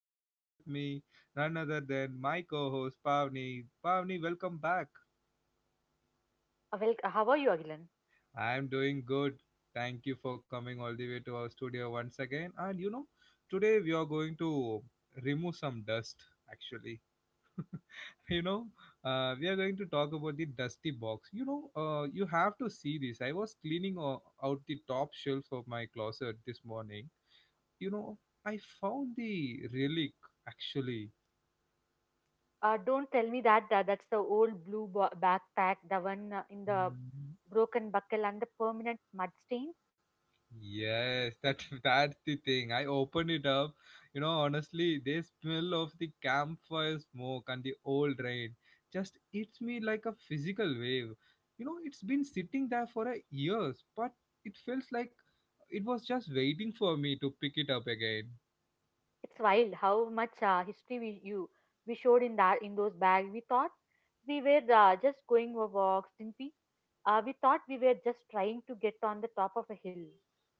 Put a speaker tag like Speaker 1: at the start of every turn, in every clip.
Speaker 1: and join with me none other than my co-host Pavni. Pavni, welcome back.
Speaker 2: How are you, Agilan?
Speaker 1: I am doing good. Thank you for coming all the way to our studio once again. And you know, today we are going to remove some dust actually. You know, we are going to talk about the dusty box. You have to see this. I was cleaning out the top shelf of my closet this morning, you know, I found the relic actually.
Speaker 2: Don't tell me that that's the old blue backpack, the one in the
Speaker 1: Mm,
Speaker 2: broken buckle and the permanent mud stains.
Speaker 1: yes, that that's the thing. I opened it up. You know, honestly, the smell of the campfire smoke and the old rain just hits me like a physical wave. You know, it's been sitting there for a years, but it feels like it was just waiting for me to pick it up again.
Speaker 2: It's wild how much history we showed in that in those bags. We thought we were just going for walks, didn't we? We thought we were just trying to get on the top of a hill.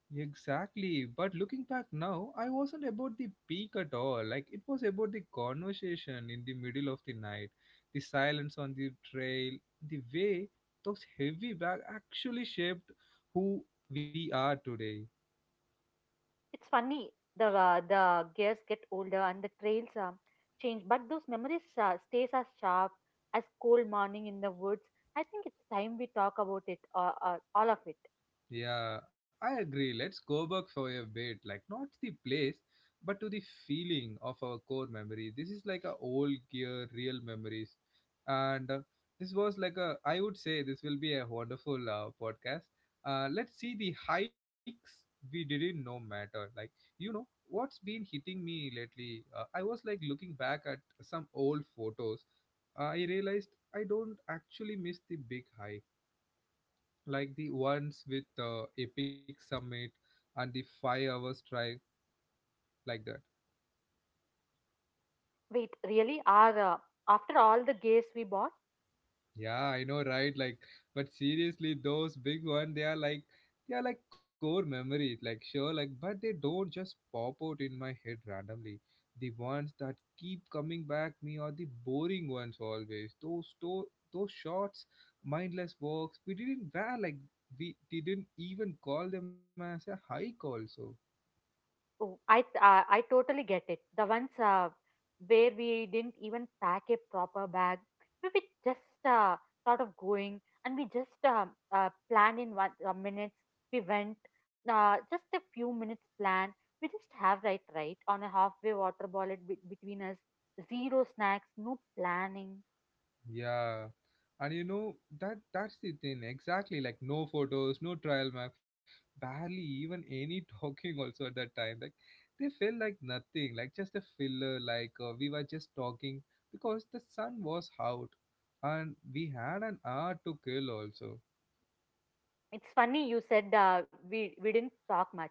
Speaker 1: Exactly. But looking back now, I wasn't about the peak at all. Like it was about the conversation in the middle of the night, the silence on the trail, the way those heavy bags actually shaped who we are today.
Speaker 2: It's funny. The gears get older and the trails change, but those memories stays as sharp as cold morning in the woods. I think it's time we talk about it, all of it.
Speaker 1: Yeah, I agree. Let's go back for a bit, like not the place, but to the feeling of our core memory. This is like a old gear, real memories, and this was like a. I would say this will be a wonderful podcast. Let's see the hikes we didn't know matter. Like you know what's been hitting me lately. I was like looking back at some old photos. I realized I don't actually miss the big hike like the ones with the Epic Summit and the 5 hours drive, like that.
Speaker 2: Wait, really? Are After all the gears we bought?
Speaker 1: Yeah, I know, right? Like, but seriously, those big ones, they are like core memories, like sure, like but they don't just pop out in my head randomly. The ones that keep coming back me are the boring ones always. Those shots, mindless walks. We didn't even call them as a hike also.
Speaker 2: Oh, I totally get it. The ones where we didn't even pack a proper bag, we were just sort of going, and we just planned in one minutes. We went just a few minutes plan. We just have right on a halfway water bullet between us. Zero snacks, no planning.
Speaker 1: Yeah, and you know that's the thing exactly. Like no photos, no trial map, barely even any talking. Also at that time, like they felt like nothing, like just a filler. Like we were just talking because the sun was out, and we had an hour to kill also.
Speaker 2: It's funny you said uh, we didn't talk much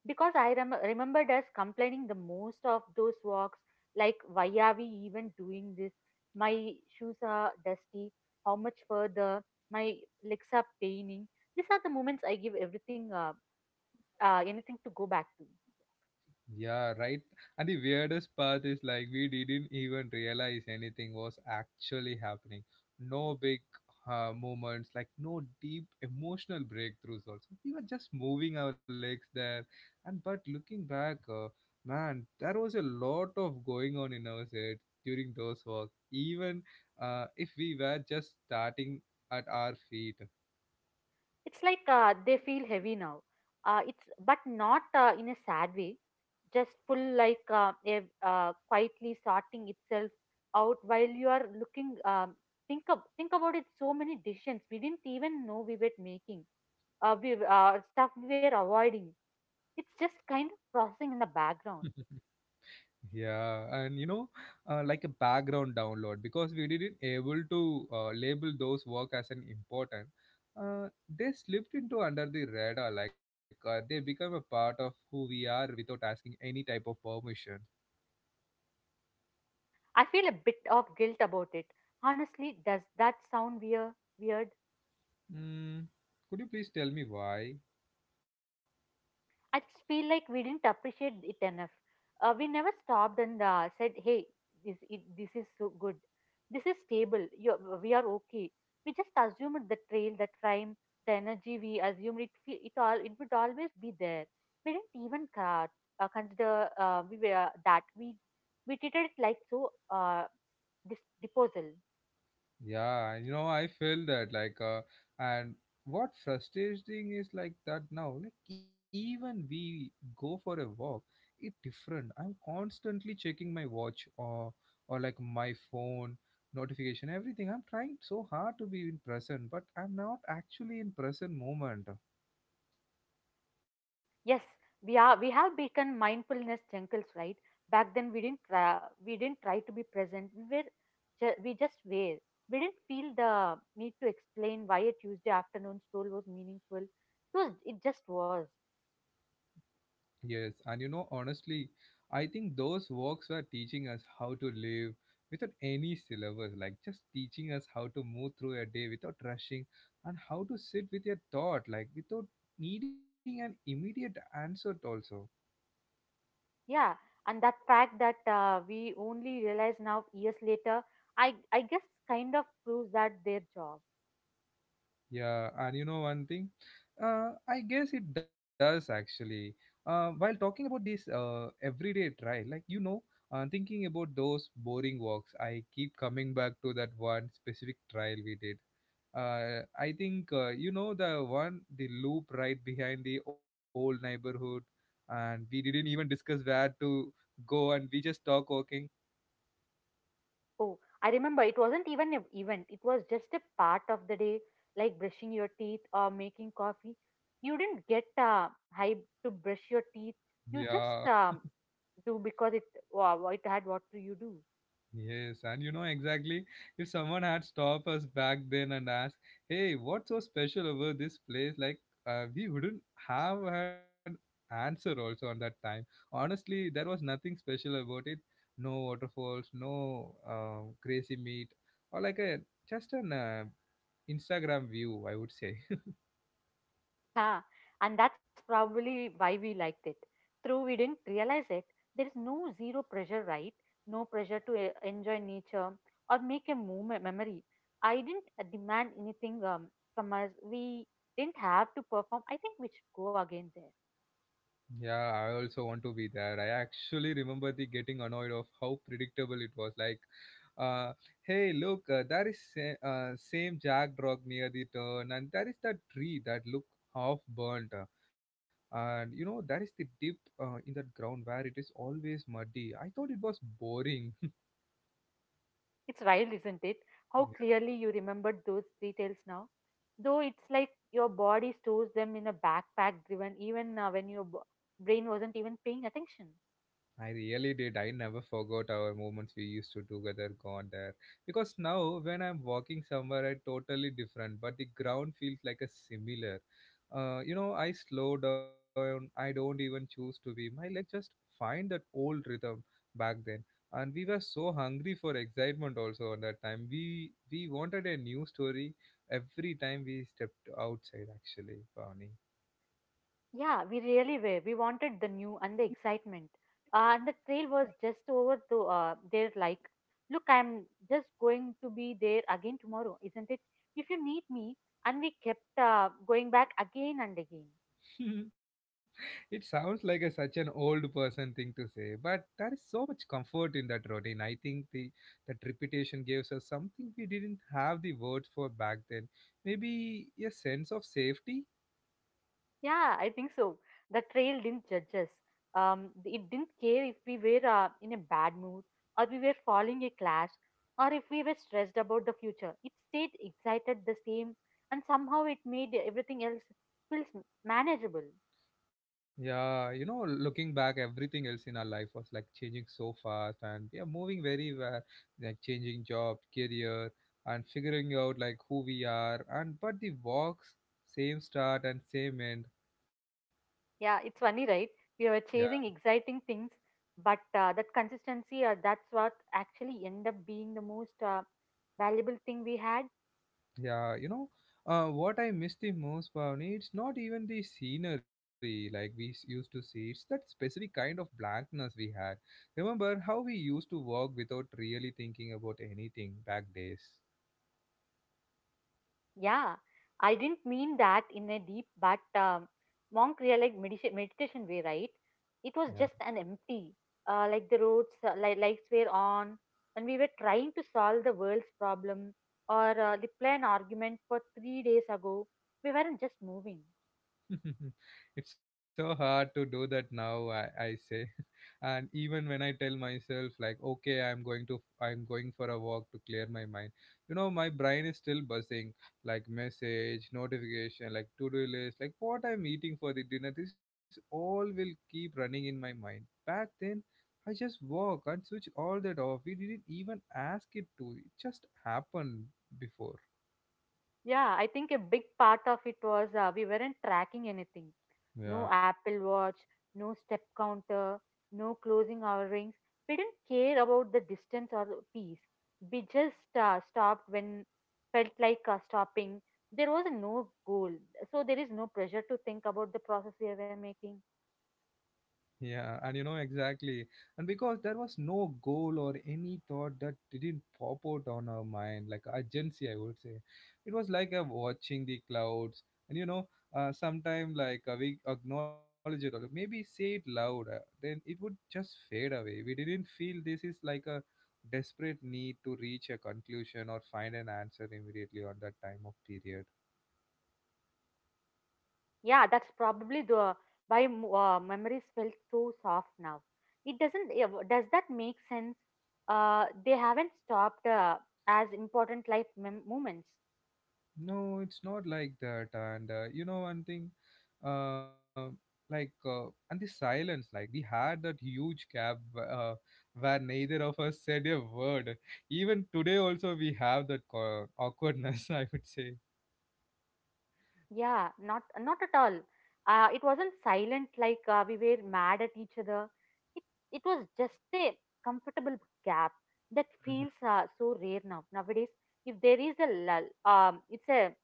Speaker 2: because I remembered us complaining the most of those walks. Like, why are we even doing this? My shoes are dusty. How much further? My legs are paining. These are the moments I give everything, anything to go back to.
Speaker 1: Yeah, right. And the weirdest part is like we didn't even realize anything was actually happening. No big moments, like no deep emotional breakthroughs. Also, we were just moving our legs there. And but looking back, man, there was a lot of going on in our head during those walks. Even if we were just starting at our feet.
Speaker 2: It's like they feel heavy now. It's but not in a sad way. Just full like quietly sorting itself out while you are looking. Think about it. So many decisions we didn't even know we were making. We Stuff we were avoiding, it's just kind of processing in the background.
Speaker 1: Yeah, and you know, like a background download because we didn't able to label those work as an important. They slipped into under the radar, like they become a part of who we are without asking any type of permission.
Speaker 2: I feel a bit of guilt about it. Honestly, does that sound weird? Weird?
Speaker 1: Mm, could you please tell me why?
Speaker 2: I just feel like we didn't appreciate it enough. We never stopped and said, "Hey, this is so good. This is stable. You, we are okay." We just assumed the trail, the time, the energy. We assumed it. It all it would always be there. We didn't even consider that we treated it like so this disposal.
Speaker 1: Yeah, you know, I feel that like, and what frustrating is like that now, like even we go for a walk, it different. I'm constantly checking my watch or like my phone, notification, everything. I'm trying so hard to be in present, but I'm not actually in present moment.
Speaker 2: Yes, we are. We have become mindfulness jungles, right? Back then, we didn't try to be present. We were, we just were. We didn't feel the need to explain why a Tuesday afternoon stroll was meaningful. It was. It just was.
Speaker 1: Yes, and you know, honestly, I think those works were teaching us how to live without any syllabus, like just teaching us how to move through a day without rushing and how to sit with a thought, like without needing an immediate answer, also.
Speaker 2: Yeah, and that fact that we only realize now years later, I guess kind of proves that their job.
Speaker 1: Yeah, and you know one thing? I guess it does actually. While talking about this everyday trial, like you know, thinking about those boring walks, I keep coming back to that one specific trial we did. I think you know the one, the loop right behind the old neighborhood, and we didn't even discuss where to go, and we just talk walking.
Speaker 2: Oh, I remember it wasn't even an event. It was just a part of the day, like brushing your teeth or making coffee. You didn't get hype to brush your teeth. You
Speaker 1: Yeah,
Speaker 2: just do because it wow, it had what to you do.
Speaker 1: yes, and you know exactly if someone had stopped us back then and asked, "Hey, what's so special about this place?" Like we wouldn't have had answer also on that time. Honestly, there was nothing special about it. No waterfalls, no crazy meat, or like a just an Instagram view, I would say.
Speaker 2: Yeah, and that's probably why we liked it. Though we didn't realize it, there is no zero pressure, right? No pressure to enjoy nature or make a moment, memory. I didn't demand anything from us. We didn't have to perform. I think we should go again there.
Speaker 1: Yeah, I also want to be there. I actually remember the getting annoyed of how predictable it was. Like, uh, hey, look, there is same Jack Drog near the turn, and there is that tree that look half burnt, and you know there is the dip in that ground where it is always muddy. I thought it was boring.
Speaker 2: It's wild, isn't it? How clearly you remembered those details now. Though it's like your body stores them in a backpack driven, even when your brain wasn't even paying attention.
Speaker 1: I really did. I never forgot our moments we used to together gone there. Because now when I'm walking somewhere I totally different, but the ground feels like a similar. You know, I slow down, I don't even choose to be. My leg just find that old rhythm back then. And we were so hungry for excitement also on that time. We wanted a new story every time we stepped outside actually, Pawni.
Speaker 2: Yeah, we really were. We wanted the new and the excitement. And the trail was just over to there, like, look, I'm just going to be there again tomorrow, isn't it? If you need me. And we kept going back again and again.
Speaker 1: It sounds like a, such an old person thing to say, but there is so much comfort in that routine. I think the That repetition gives us something we didn't have the words for back then. Maybe a sense of safety.
Speaker 2: Yeah, I think so. The trail didn't judge us. It didn't care if we were in a bad mood or we were following a class or if we were stressed about the future. It stayed excited the same and somehow it made everything else feels manageable.
Speaker 1: Yeah, you know, looking back, everything else in our life was like changing so fast, and we are moving very well, like changing job, career, and figuring out like who we are. And but the walks, same start and same end.
Speaker 2: Yeah, it's funny, right? We were
Speaker 1: Yeah.
Speaker 2: chasing exciting things, but that consistency, that's what actually end up being the most valuable thing we had.
Speaker 1: Yeah, you know, what I miss the most, Pavni, it's not even the scenery like we used to see. It's that specific kind of blankness we had. Remember how we used to walk without really thinking about anything back days.
Speaker 2: Yeah, I didn't mean that in a deep but monk like meditation way, right? It was
Speaker 1: Yeah.
Speaker 2: just an empty, like the roads, lights were on, and we were trying to solve the world's problem or reply an argument for 3 days ago. We weren't just moving.
Speaker 1: It's so hard to do that now I say, and even when I tell myself like okay I'm going for a walk to clear my mind, you know my brain is still buzzing like message notification, like to do list, like what I'm eating for the dinner, this all will keep running in my mind. Back then I just walk and switch all that off. We didn't even ask it to, it just happened before.
Speaker 2: Yeah, I think a big part of it was we weren't tracking anything. No
Speaker 1: Yeah,
Speaker 2: Apple Watch, no step counter, no closing our rings. We didn't care about the distance or the pace. We just stopped when felt like stopping. There was no goal, so there is no pressure to think about the process we were making.
Speaker 1: Yeah, and you know exactly. And because there was no goal or any thought that didn't pop out on our mind, like urgency, I would say. It was like watching the clouds, and you know, sometime like we acknowledge it or maybe say it loud, then it would just fade away. We didn't feel this is like a desperate need to reach a conclusion or find an answer immediately on that time of period.
Speaker 2: Yeah, that's probably the why memories felt so soft now. It doesn't. Does that make sense? They haven't stopped as important life moments.
Speaker 1: No, it's not like that. And you know, one thing, uh, and the silence, like, we had that huge gap uh, where neither of us said a word. Even today, also, we have that awkwardness, I would say.
Speaker 2: Yeah, not at all. It wasn't silent like we were mad at each other. It it was just a comfortable gap that feels
Speaker 1: Mhm.
Speaker 2: so rare now nowadays. If there is a lull, it's a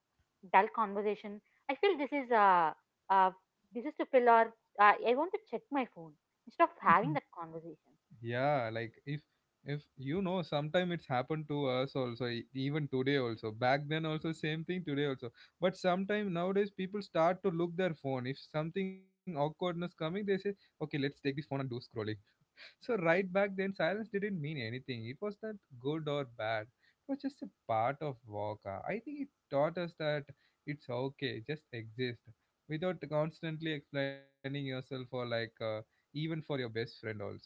Speaker 2: dull conversation. I feel uh this is to fill our. I want to check my phone instead of having that conversation.
Speaker 1: Yeah, like if you know sometime it's happened to us also even today also back then also same thing today also, but sometime nowadays people start to look their phone if something awkwardness coming they say okay let's take this phone and do scrolling. So right, back then silence didn't mean anything, it was not good or bad, it was just a part of walk. I think it taught us that it's okay just exist without constantly explaining yourself or like even for your best friend also.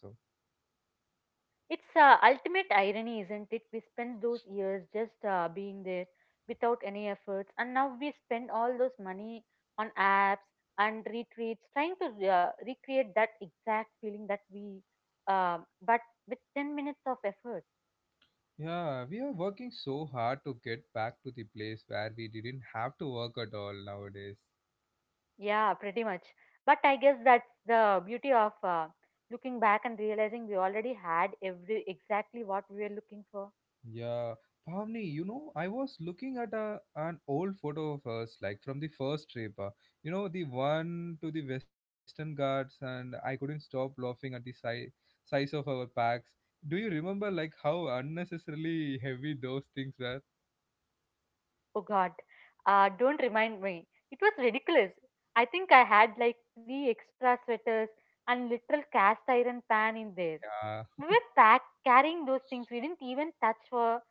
Speaker 2: It's ultimate irony, isn't it? We spent those years just being there without any efforts, and now we spend all those money on apps and retreats trying to recreate that exact feeling that we, uh, but with 10 minutes of effort.
Speaker 1: Yeah, we are working so hard to get back to the place where we didn't have to work at all nowadays.
Speaker 2: Yeah, pretty much. But I guess that's the beauty of looking back and realizing we already had every exactly what we were looking for.
Speaker 1: Yeah, Pavni, you know, I was looking at an old photo of us, like from the first trip. You know, the one to the Western Ghats, and I couldn't stop laughing at the size of our packs. Do you remember, like, how unnecessarily heavy those things were?
Speaker 2: Oh God, don't remind me. It was ridiculous. I think I had like three extra sweaters and literal cast iron pan in there.
Speaker 1: Yeah.
Speaker 2: We were packed carrying those things we didn't even touch for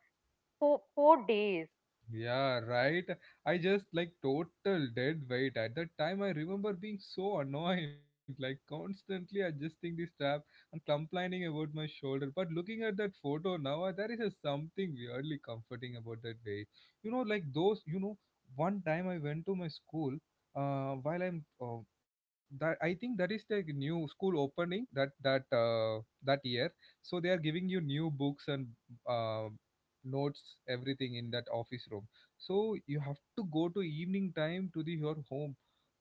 Speaker 2: 4 days.
Speaker 1: Yeah, right. I just like total dead weight at that time. I remember being so annoyed, like constantly adjusting the strap and complaining about my shoulder. But looking at that photo now, there is a something weirdly comforting about that weight. You know, like those. You know, one time I went to my school. While I'm That I think that is the new school opening that year. So they are giving you new books and uh, notes everything in that office room, so you have to go to evening time to the your home,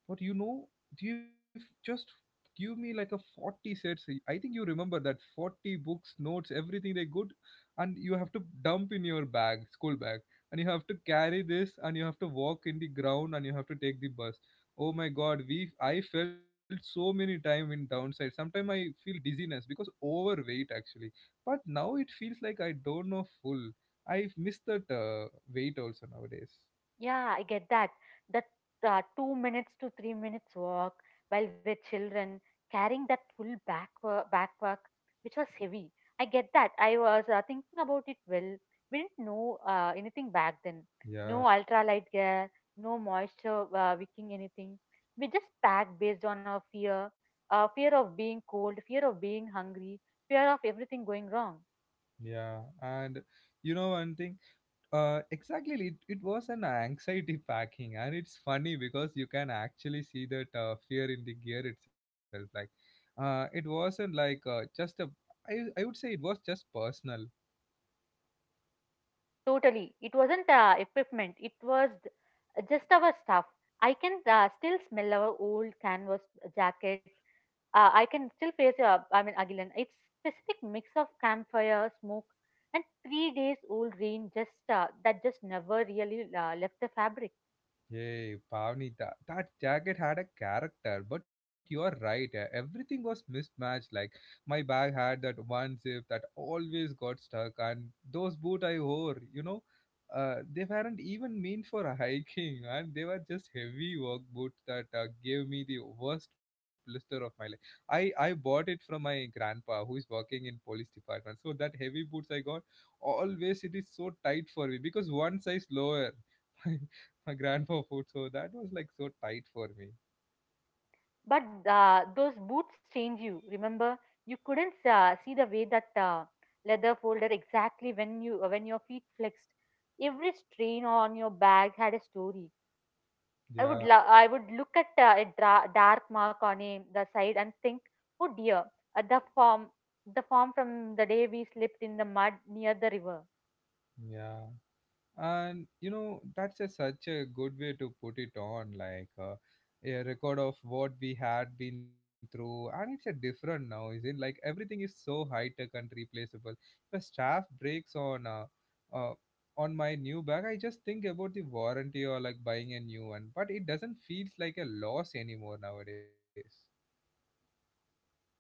Speaker 1: but you know, they've just give me like a 40 sets. I think you remember that 40 books, notes, everything they good. And you have to dump in your bag, school bag. And you have to carry this and you have to walk in the ground and you have to take the bus. Oh my god, we I felt so many time in downside. Sometimes I feel dizziness because overweight actually. But now it feels like I don't know full. I've missed that weight also nowadays.
Speaker 2: Yeah, I get that. That 2 minutes to 3 minutes walk while we're children, carrying that full backpack, which was heavy. I get that. I was thinking about it well. We didn't know anything back then. No
Speaker 1: Yeah,
Speaker 2: ultralight gear, no moisture wicking anything. We just packed based on our fear, fear of being cold, fear of being hungry, fear of everything going wrong.
Speaker 1: yeah. And you know one thing? Exactly. It was an anxiety packing, and it's funny because you can actually see that fear in the gear itself. Like, it wasn't like just a. I I would say it was just personal.
Speaker 2: Totally. It wasn't equipment, it was just our stuff. I can still smell our old canvas jacket. I can still face, I mean, Agilan. It's specific mix of campfire, smoke, and 3 days old rain just that just never really left the fabric.
Speaker 1: Hey, Pavni, that jacket had a character, but you are right. Everything was mismatched. Like my bag had that one zip that always got stuck, and those boots I wore, you know, they weren't even meant for hiking, and they were just heavy work boots that gave me the worst blister of my life. I bought it from my grandpa, who is working in police department. So that heavy boots I got, always it is so tight for me because one size lower. My grandpa food. So that was like so tight for me.
Speaker 2: But those boots change you. Remember, you couldn't see the way that leather folded exactly when you when your feet flexed. Every strain on your bag had a story. I would
Speaker 1: Yeah,
Speaker 2: lo- I would look at dark mark on a, the side and think, oh dear, the form the form from the day we slipped in the mud near the river.
Speaker 1: yeah. And you know, that's a, such a good way to put it on, like a record of what we had been through. And it's a different now, is it? Like everything is so high tech and replaceable. The staff breaks uh, on my new bag. I just think about the warranty or like buying a new one, but it doesn't feels like a loss anymore nowadays.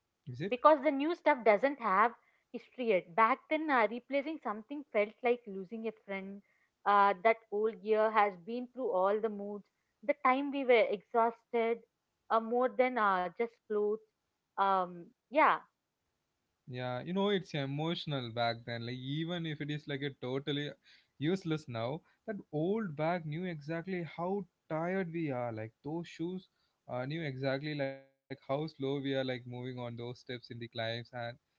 Speaker 1: Is it?
Speaker 2: Because the new stuff doesn't have history yet. Back then, replacing something felt like losing a friend. That old gear has been through all the moods. The time we were exhausted, more than just clothes. Um, yeah,
Speaker 1: Yeah, you know, it's emotional back then. Like, even if it is like a totally useless now, that old bag knew exactly how tired we are. Like, those shoes knew exactly like how slow we are, like moving on those steps in the climbs. And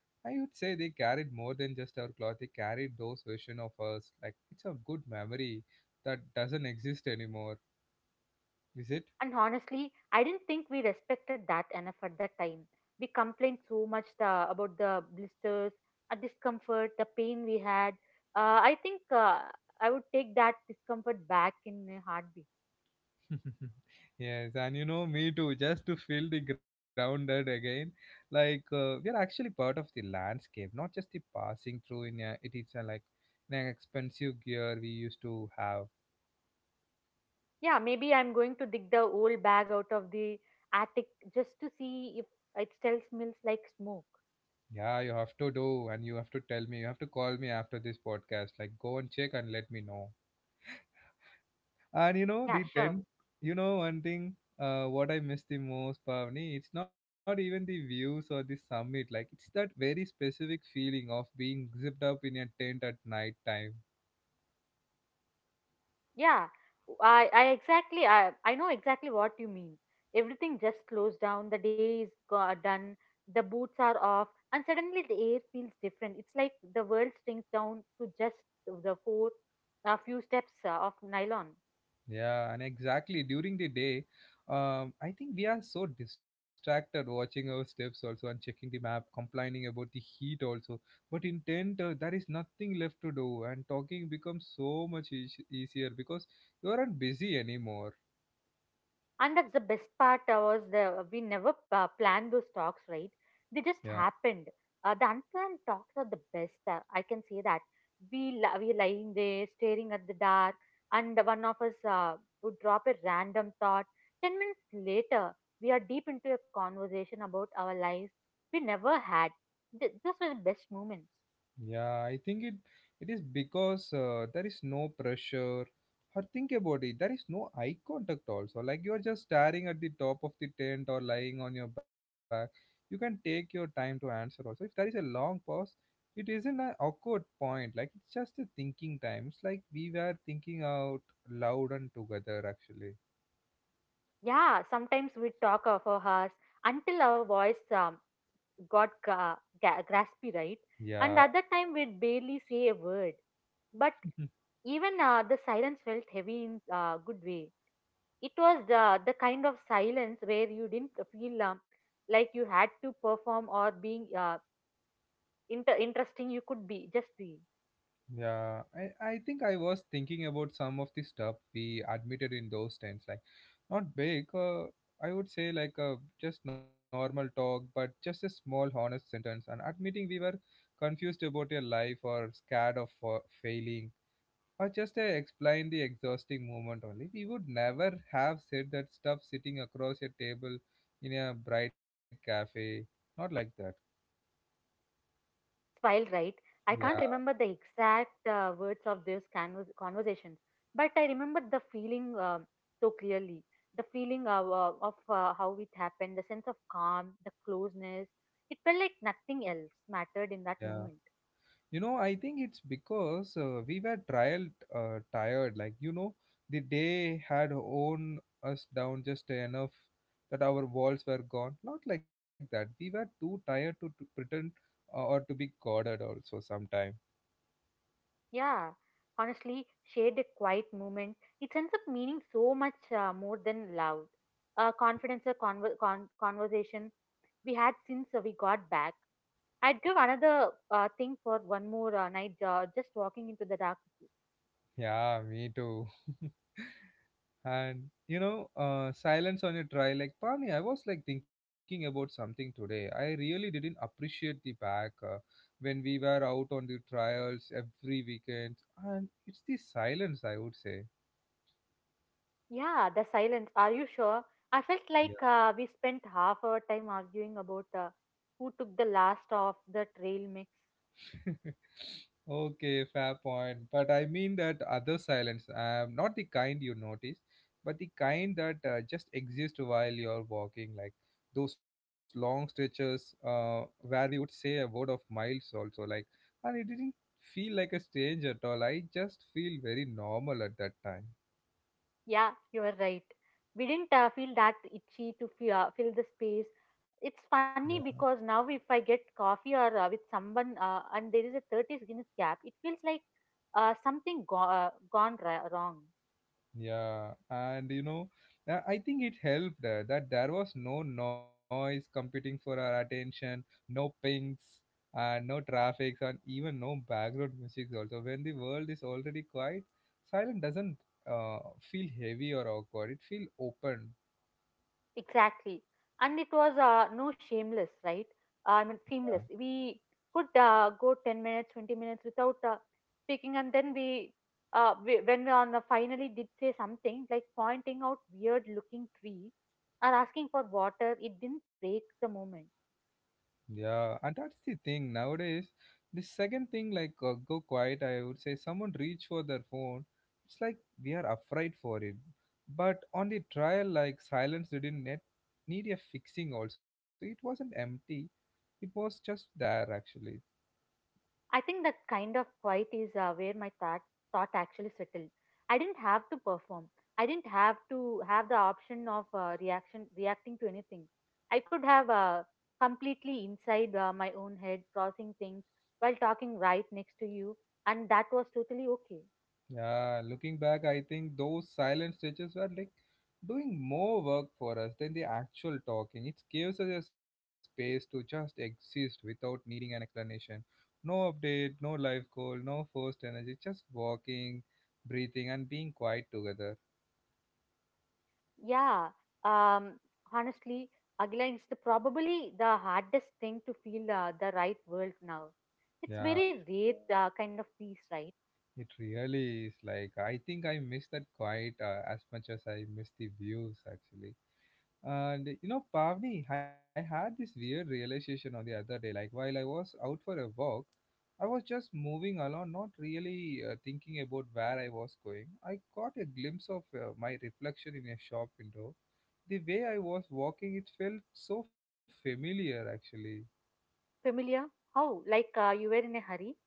Speaker 1: I would say they carried more than just our clothes. They carried those version of us. Like, it's a good memory that doesn't exist anymore. Is it?
Speaker 2: And honestly, I didn't think we respected that enough at the time. We complained so much about the blisters, the discomfort, the pain we had. Uh, I think uh, I would take that discomfort back in a heartbeat.
Speaker 1: Yes, and you know, me too, just to feel the grounded again. Like, we are actually part of the landscape, not just the passing through in a, it is a, like in an expensive gear we used to have.
Speaker 2: Yeah, maybe I'm going to dig the old bag out of the attic just to see if it still smells like smoke.
Speaker 1: Yeah, you have to do, and you have to tell me, you have to call me after this podcast. Like, go and check and let me know. And you know,
Speaker 2: Yeah,
Speaker 1: the
Speaker 2: sure.
Speaker 1: tent, you know, one thing, what I miss the most, Pavni, it's not even the views or the summit. Like, it's that very specific feeling of being zipped up in a tent at night time.
Speaker 2: Yeah, I know exactly what you mean. Everything just slows down. The day is done. The boots are off, and suddenly the air feels different. It's like the world shrinks down to just the four, a few steps of nylon.
Speaker 1: Yeah, and exactly during the day, I think we are so distracted watching our steps also and checking the map, complaining about the heat also. But in tent, there is nothing left to do, and talking becomes so much eas easier because you aren't busy anymore.
Speaker 2: And that's the best part was the we never planned those talks, right? They
Speaker 1: Yeah.
Speaker 2: just happened. The unplanned talks are the best. I can say that we lying there staring at the dark, and one of us would drop a random thought. 10 minutes later, we are deep into a conversation about our lives we never had. Those were the best moments.
Speaker 1: Yeah, I think it is because there is no pressure. Or think about it, there is no eye contact also. Like you are just staring at the top of the tent or lying on your back. You can take your time to answer also. If there is a long pause, it isn't an awkward point. Like it's just a thinking time. It's like we were thinking out loud and together actually.
Speaker 2: Yeah, sometimes we talk for hours until our voice graspy, right? And
Speaker 1: Yeah.
Speaker 2: other time we'd barely say a word. But even the silence felt heavy in a good way. It was the kind of silence where you didn't feel like you had to perform or being interesting you could be, just be.
Speaker 1: Yeah, I think I was thinking about some of the stuff we admitted in those times, like not big, I would say like a just normal talk, but just a small honest sentence and admitting we were confused about your life or scared of failing or just explain the exhausting moment only. We would never have said that stuff sitting across a table in a bright cafe, not like that.
Speaker 2: While Right. I can't remember
Speaker 1: Yeah,
Speaker 2: the exact words of those conversations but I remember the feeling so clearly, the feeling of, how it happened, the sense of calm, the closeness. It felt like nothing else mattered in that
Speaker 1: yeah.
Speaker 2: moment.
Speaker 1: You know, I think it's because we were trial tired. Like you know, the day had worn us down just enough that our walls were gone. Not like that. We were too tired to pretend or to be guarded also sometime.
Speaker 2: Yeah, honestly, shared a quiet moment, it ends up meaning so much more than loud confidence or conversation we had since we got back. I'd give another thing for one more night, just walking into the dark with
Speaker 1: Yeah, me too. And you know, silence on a try like Pani. I was like thinking about something today. I really didn't appreciate the back when we were out on the trials every weekend, and it's the silence I would say.
Speaker 2: you. Yeah, the silence. Are you sure? I felt
Speaker 1: Yeah.
Speaker 2: like we spent half our time arguing about who took the last of the trail mix.
Speaker 1: Okay, fair point. But I mean that other silence, not the kind you notice, but the kind that just exist while you're walking, like those long stretches where we would say a word of miles also, like, and it didn't feel like a strange at all. I just feel very normal at that time.
Speaker 2: Yeah, you were right. We didn't feel that itchy to fill the space. It's funny because now if I get coffee or with someone and there is a 30 minutes gap, it feels like something go- gone ra- wrong.
Speaker 1: Yeah, and you know, I think it helped that there was no noise competing for our attention, no pings, and no traffic, and even no background music. Also, when the world is already quiet, silence doesn't uh, feel heavy or awkward. It feels open.
Speaker 2: Exactly. And it was no shameless, right? I mean, seamless. We could go 10 minutes, 20 minutes without speaking. And then we when we on the finally did say something, like pointing out weird looking tree or asking for water, it didn't break the moment.
Speaker 1: Yeah, and that's the thing nowadays. The second thing, like go quiet, I would say someone reach for their phone. It's like we are afraid for it. But on the trial, like silence didn't net need a fixing. Also, it wasn't empty. It was just there actually.
Speaker 2: I think that kind of quiet is where my thought actually settled. I didn't have to perform. I didn't have to have the option of reaction reacting to anything. I could have completely inside my own head, processing things while talking right next to you, and that was totally okay.
Speaker 1: Yeah, looking back, I think those silent stretches were like doing more work for us than the actual talking. It gives us a space to just exist without needing an explanation. No update, no life goal, no forced energy, just walking, breathing, and being quiet together.
Speaker 2: Yeah. Um. Honestly, again, it's the, probably the hardest thing to feel the right world now. It's
Speaker 1: Yeah,
Speaker 2: very rare kind of peace, right?
Speaker 1: it really is like I think I miss that quiet as much as I miss the views actually. And you know, Pavni, I had this weird realization on the other day. Like while I was out for a walk, I was just moving along, not really thinking about where I was going. I got a glimpse of my reflection in a shop window. The way I was walking, it felt so familiar actually.
Speaker 2: Familiar? How? Like you were in a hurry?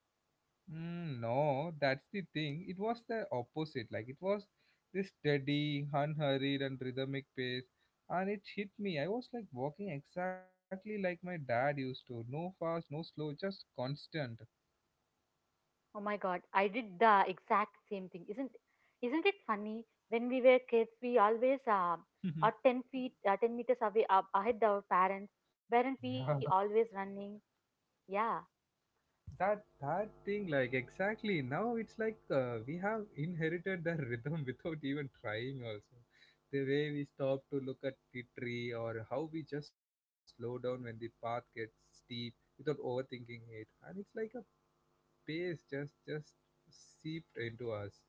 Speaker 1: Mm, no, that's the thing. It was the opposite. Like it was this steady, unhurried, and rhythmic pace, and it hit me. I was like walking exactly like my dad used to. No fast, no slow, just constant.
Speaker 2: Oh my god, I did the exact same thing. Isn't it funny? When we were kids, we always are 10 feet, 10 meters away up, ahead of our parents.
Speaker 1: Yeah.
Speaker 2: Weren't we always running? Yeah.
Speaker 1: That that thing like exactly now it's like we have inherited the rhythm without even trying also. The way we stop to look at the tree or how we just slow down when the path gets steep without overthinking it, and it's like a pace just seeped into us.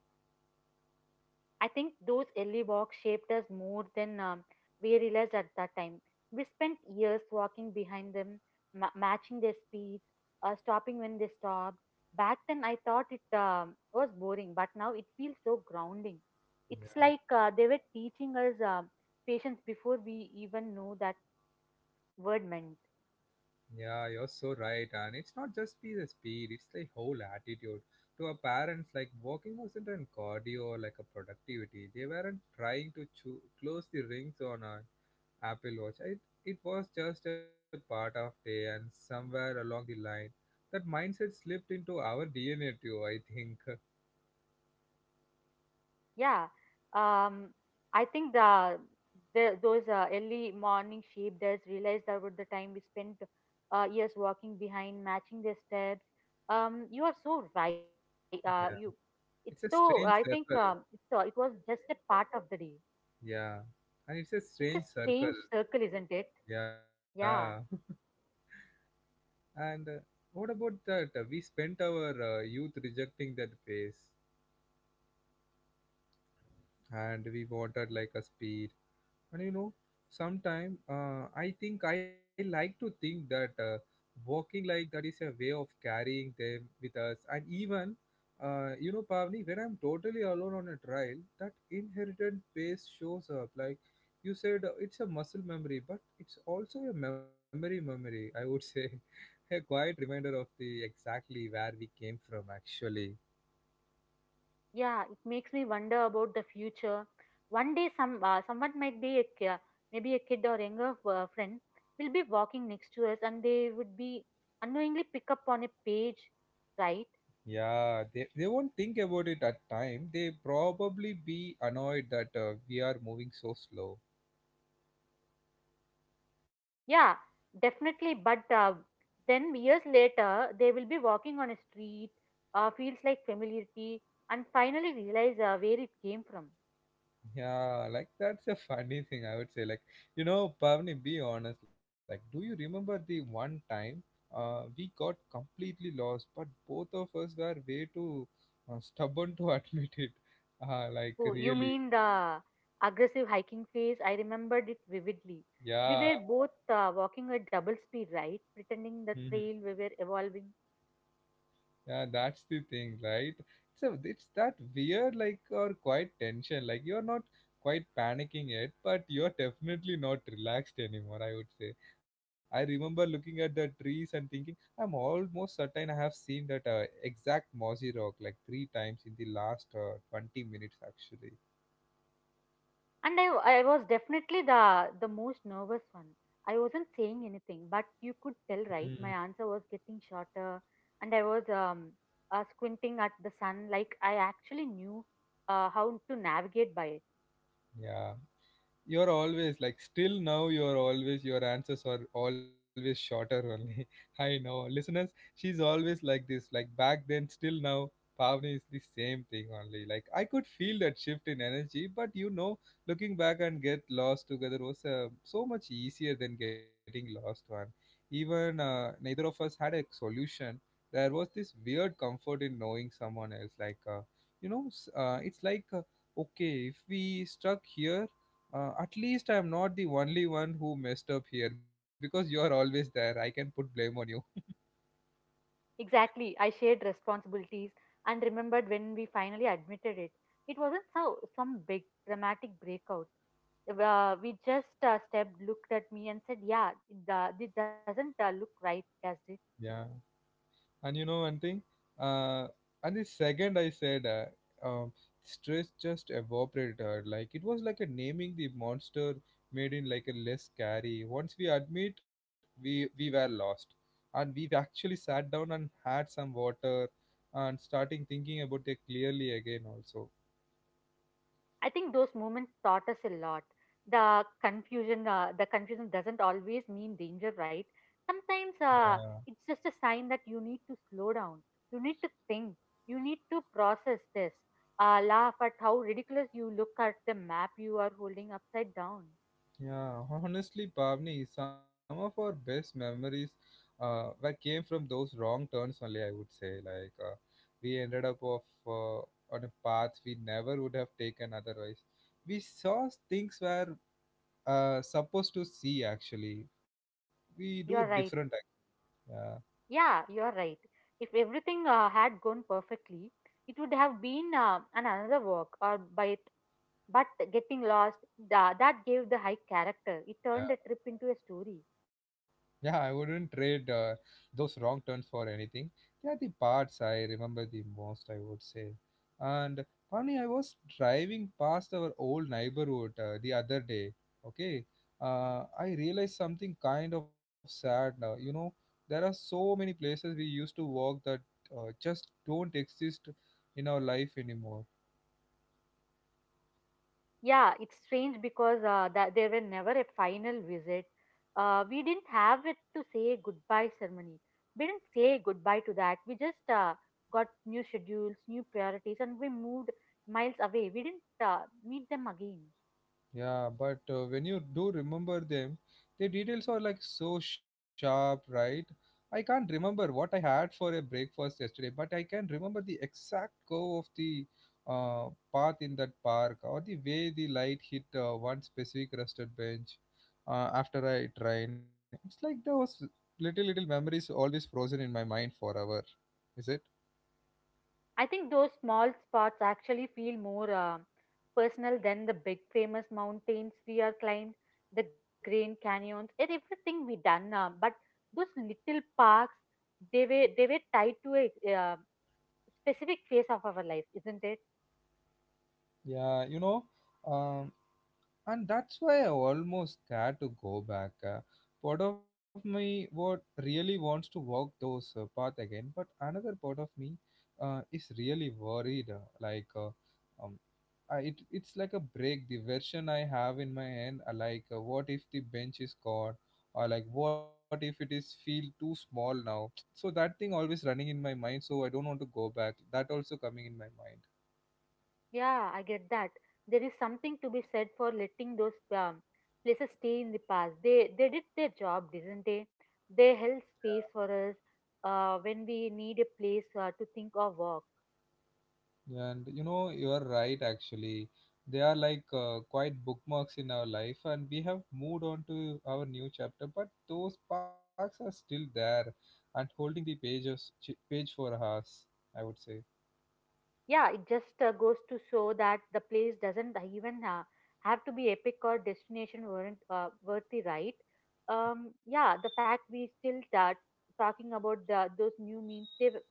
Speaker 2: I think those early walks shaped us more than we realized at that time. We spent years walking behind them, matching their speeds, stopping when they stopped. Back then, I thought it was boring, but now it feels so grounding. It's
Speaker 1: Yeah.
Speaker 2: like they were teaching us patience before we even know that word meant.
Speaker 1: Yeah, you're so right. And it's not just be the speed, it's the whole attitude. To our parents, like walking wasn't an cardio or like a productivity. They weren't trying to close the rings on our Apple Watch. It was just a part of day and somewhere along the line. That mindset slipped into our DNA too, I think.
Speaker 2: Yeah, um, I think the those early morning sheep does realized that with the time we spent years walking behind, matching their steps. You are so right.
Speaker 1: Yeah.
Speaker 2: It's so.
Speaker 1: It's
Speaker 2: I
Speaker 1: a
Speaker 2: think
Speaker 1: strange circle.
Speaker 2: it was just a part of the day.
Speaker 1: Yeah. And it's
Speaker 2: It's
Speaker 1: a
Speaker 2: a
Speaker 1: strange
Speaker 2: strange
Speaker 1: circle.
Speaker 2: circle, isn't it?
Speaker 1: Yeah.
Speaker 2: Yeah.
Speaker 1: And what about that? We spent our youth rejecting that phase and we wanted like a speed. And you know, sometime I think I like to think that walking like that is a way of carrying them with us. And even, you know, Pavni, when I'm totally alone on a trail, that inherited pace shows up. Like you said, it's a muscle memory, but it's also a memory memory, I would say. A quiet reminder of the exactly where we came from actually.
Speaker 2: Yeah, it makes me wonder about the future. One day, someone might be maybe a kid or younger friend will be walking next to us, and they would be unknowingly pick up on a page, right?
Speaker 1: Yeah, they won't think about it at time, they probably be annoyed that we are moving so slow.
Speaker 2: Yeah, definitely. But then years later, they will be walking on a street, feels like familiarity, and finally realize where it came from.
Speaker 1: Yeah, like that's a funny thing I would say. Like, you know, Pavni, be honest, like do you remember the one time we got completely lost but both of us were way too stubborn to admit it, like
Speaker 2: Oh, you
Speaker 1: really?
Speaker 2: mean the aggressive hiking phase? I remembered it vividly. We
Speaker 1: Yeah.
Speaker 2: were both walking at double speed, right? Pretending
Speaker 1: Mhm.
Speaker 2: the trail we were evolving.
Speaker 1: Yeah, that's the thing, right? So it's that weird, like, or quite tension. Like, you're not quite panicking yet, but you're definitely not relaxed anymore, I would say. I remember looking at the trees and thinking, I'm almost certain I have seen that exact mossy rock like three times in the last 20 minutes, actually.
Speaker 2: And I was definitely the most nervous one. I wasn't saying anything, but you could tell,
Speaker 1: Mm.
Speaker 2: right? My answer was getting shorter, and I was squinting at the sun like I actually knew how to navigate by it.
Speaker 1: Yeah. You're always, like, still now you're always, your answers are always shorter only. I know, listeners, she's always like this, like back then, still now. Pavni is the same thing only, like, I could feel that shift in energy, but you know, looking back and get lost together was so much easier than getting lost one. Even neither of us had a solution. There was this weird comfort in knowing someone else, like, you know, it's like, okay if we stuck here, at least I'm not the only one who messed up here because you're always there. I can put blame on you.
Speaker 2: Exactly. I shared responsibilities and remembered when we finally admitted it. It wasn't so, some big dramatic breakout. We just stepped, looked at me, and said, "Yeah, it doesn't look right, does it?"
Speaker 1: Yeah. And you know one thing? Uh, and the second I said, um, stress just evaporated. Like it was like a naming the monster made in like a less scary. Once we admit, we were lost, and we actually sat down and had some water, and starting thinking about it clearly again also.
Speaker 2: I think those moments taught us a lot. The confusion doesn't always mean danger, right? Sometimes it's just a sign that you need to slow down. You need to think. You need to process this. Laugh at how ridiculous you look at the map you are holding upside down.
Speaker 1: Yeah, honestly, Pavni, some of our best memories were came from those wrong turns only, I would say. Like, we ended up of on a path we never would have taken otherwise. We saw things we're supposed to see, actually. We
Speaker 2: You're
Speaker 1: do
Speaker 2: right.
Speaker 1: different.
Speaker 2: Yeah, you're right. If everything had gone perfectly, it would have been an another walk or by. But getting lost, that gave the hike character. It turned the trip
Speaker 1: Yeah.
Speaker 2: into a story.
Speaker 1: Yeah, I wouldn't trade those wrong turns for anything. They are the parts I remember the most, I would say. And funny, I was driving past our old neighborhood the other day. Okay, I realized something kind of sad now. You know, there are so many places we used to walk that just don't exist in our life anymore.
Speaker 2: Yeah, it's strange because that there were never a final visit. We didn't have it to say goodbye ceremony. We didn't say goodbye to that. We just got new schedules, new priorities, and we moved miles away. We didn't meet them again.
Speaker 1: Yeah, but when you do remember them, the details are like so sharp, right? I can't remember what I had for a breakfast yesterday, but I can remember the exact curve of the uh, path in that park or the way the light hit one specific rusted bench after I train. It's like those little, little memories always frozen in my mind forever, is it?
Speaker 2: I think those small spots actually feel more personal than the big famous mountains we are climbed, the Grand Canyons, and everything we done. But those little parks, they were tied to a specific phase of our life, isn't it?
Speaker 1: Yeah, you know. Um, and that's why I almost scared to go back. Part of me what really wants to walk those path again, but another part of me is really worried. Like, um, it's like a break. The version I have in my hand, like, what if the bench is gone, or like, what if it is feel too small now? So that thing always running in my mind. So I don't want to go back. That also coming in my mind.
Speaker 2: Yeah, I get that. There is something to be said for letting those places stay in the past. They did their job, didn't they? They held space for us when we need a place to think or walk.
Speaker 1: And you know, you are right actually. They are like quite bookmarks in our life, and we have moved on to our new chapter, but those parks are still there and holding the pages, page for us, I would say.
Speaker 2: Yeah, it just goes to show that the place doesn't even have to be epic or destination weren't worthy, right? Yeah, the fact we still start talking about the, those new means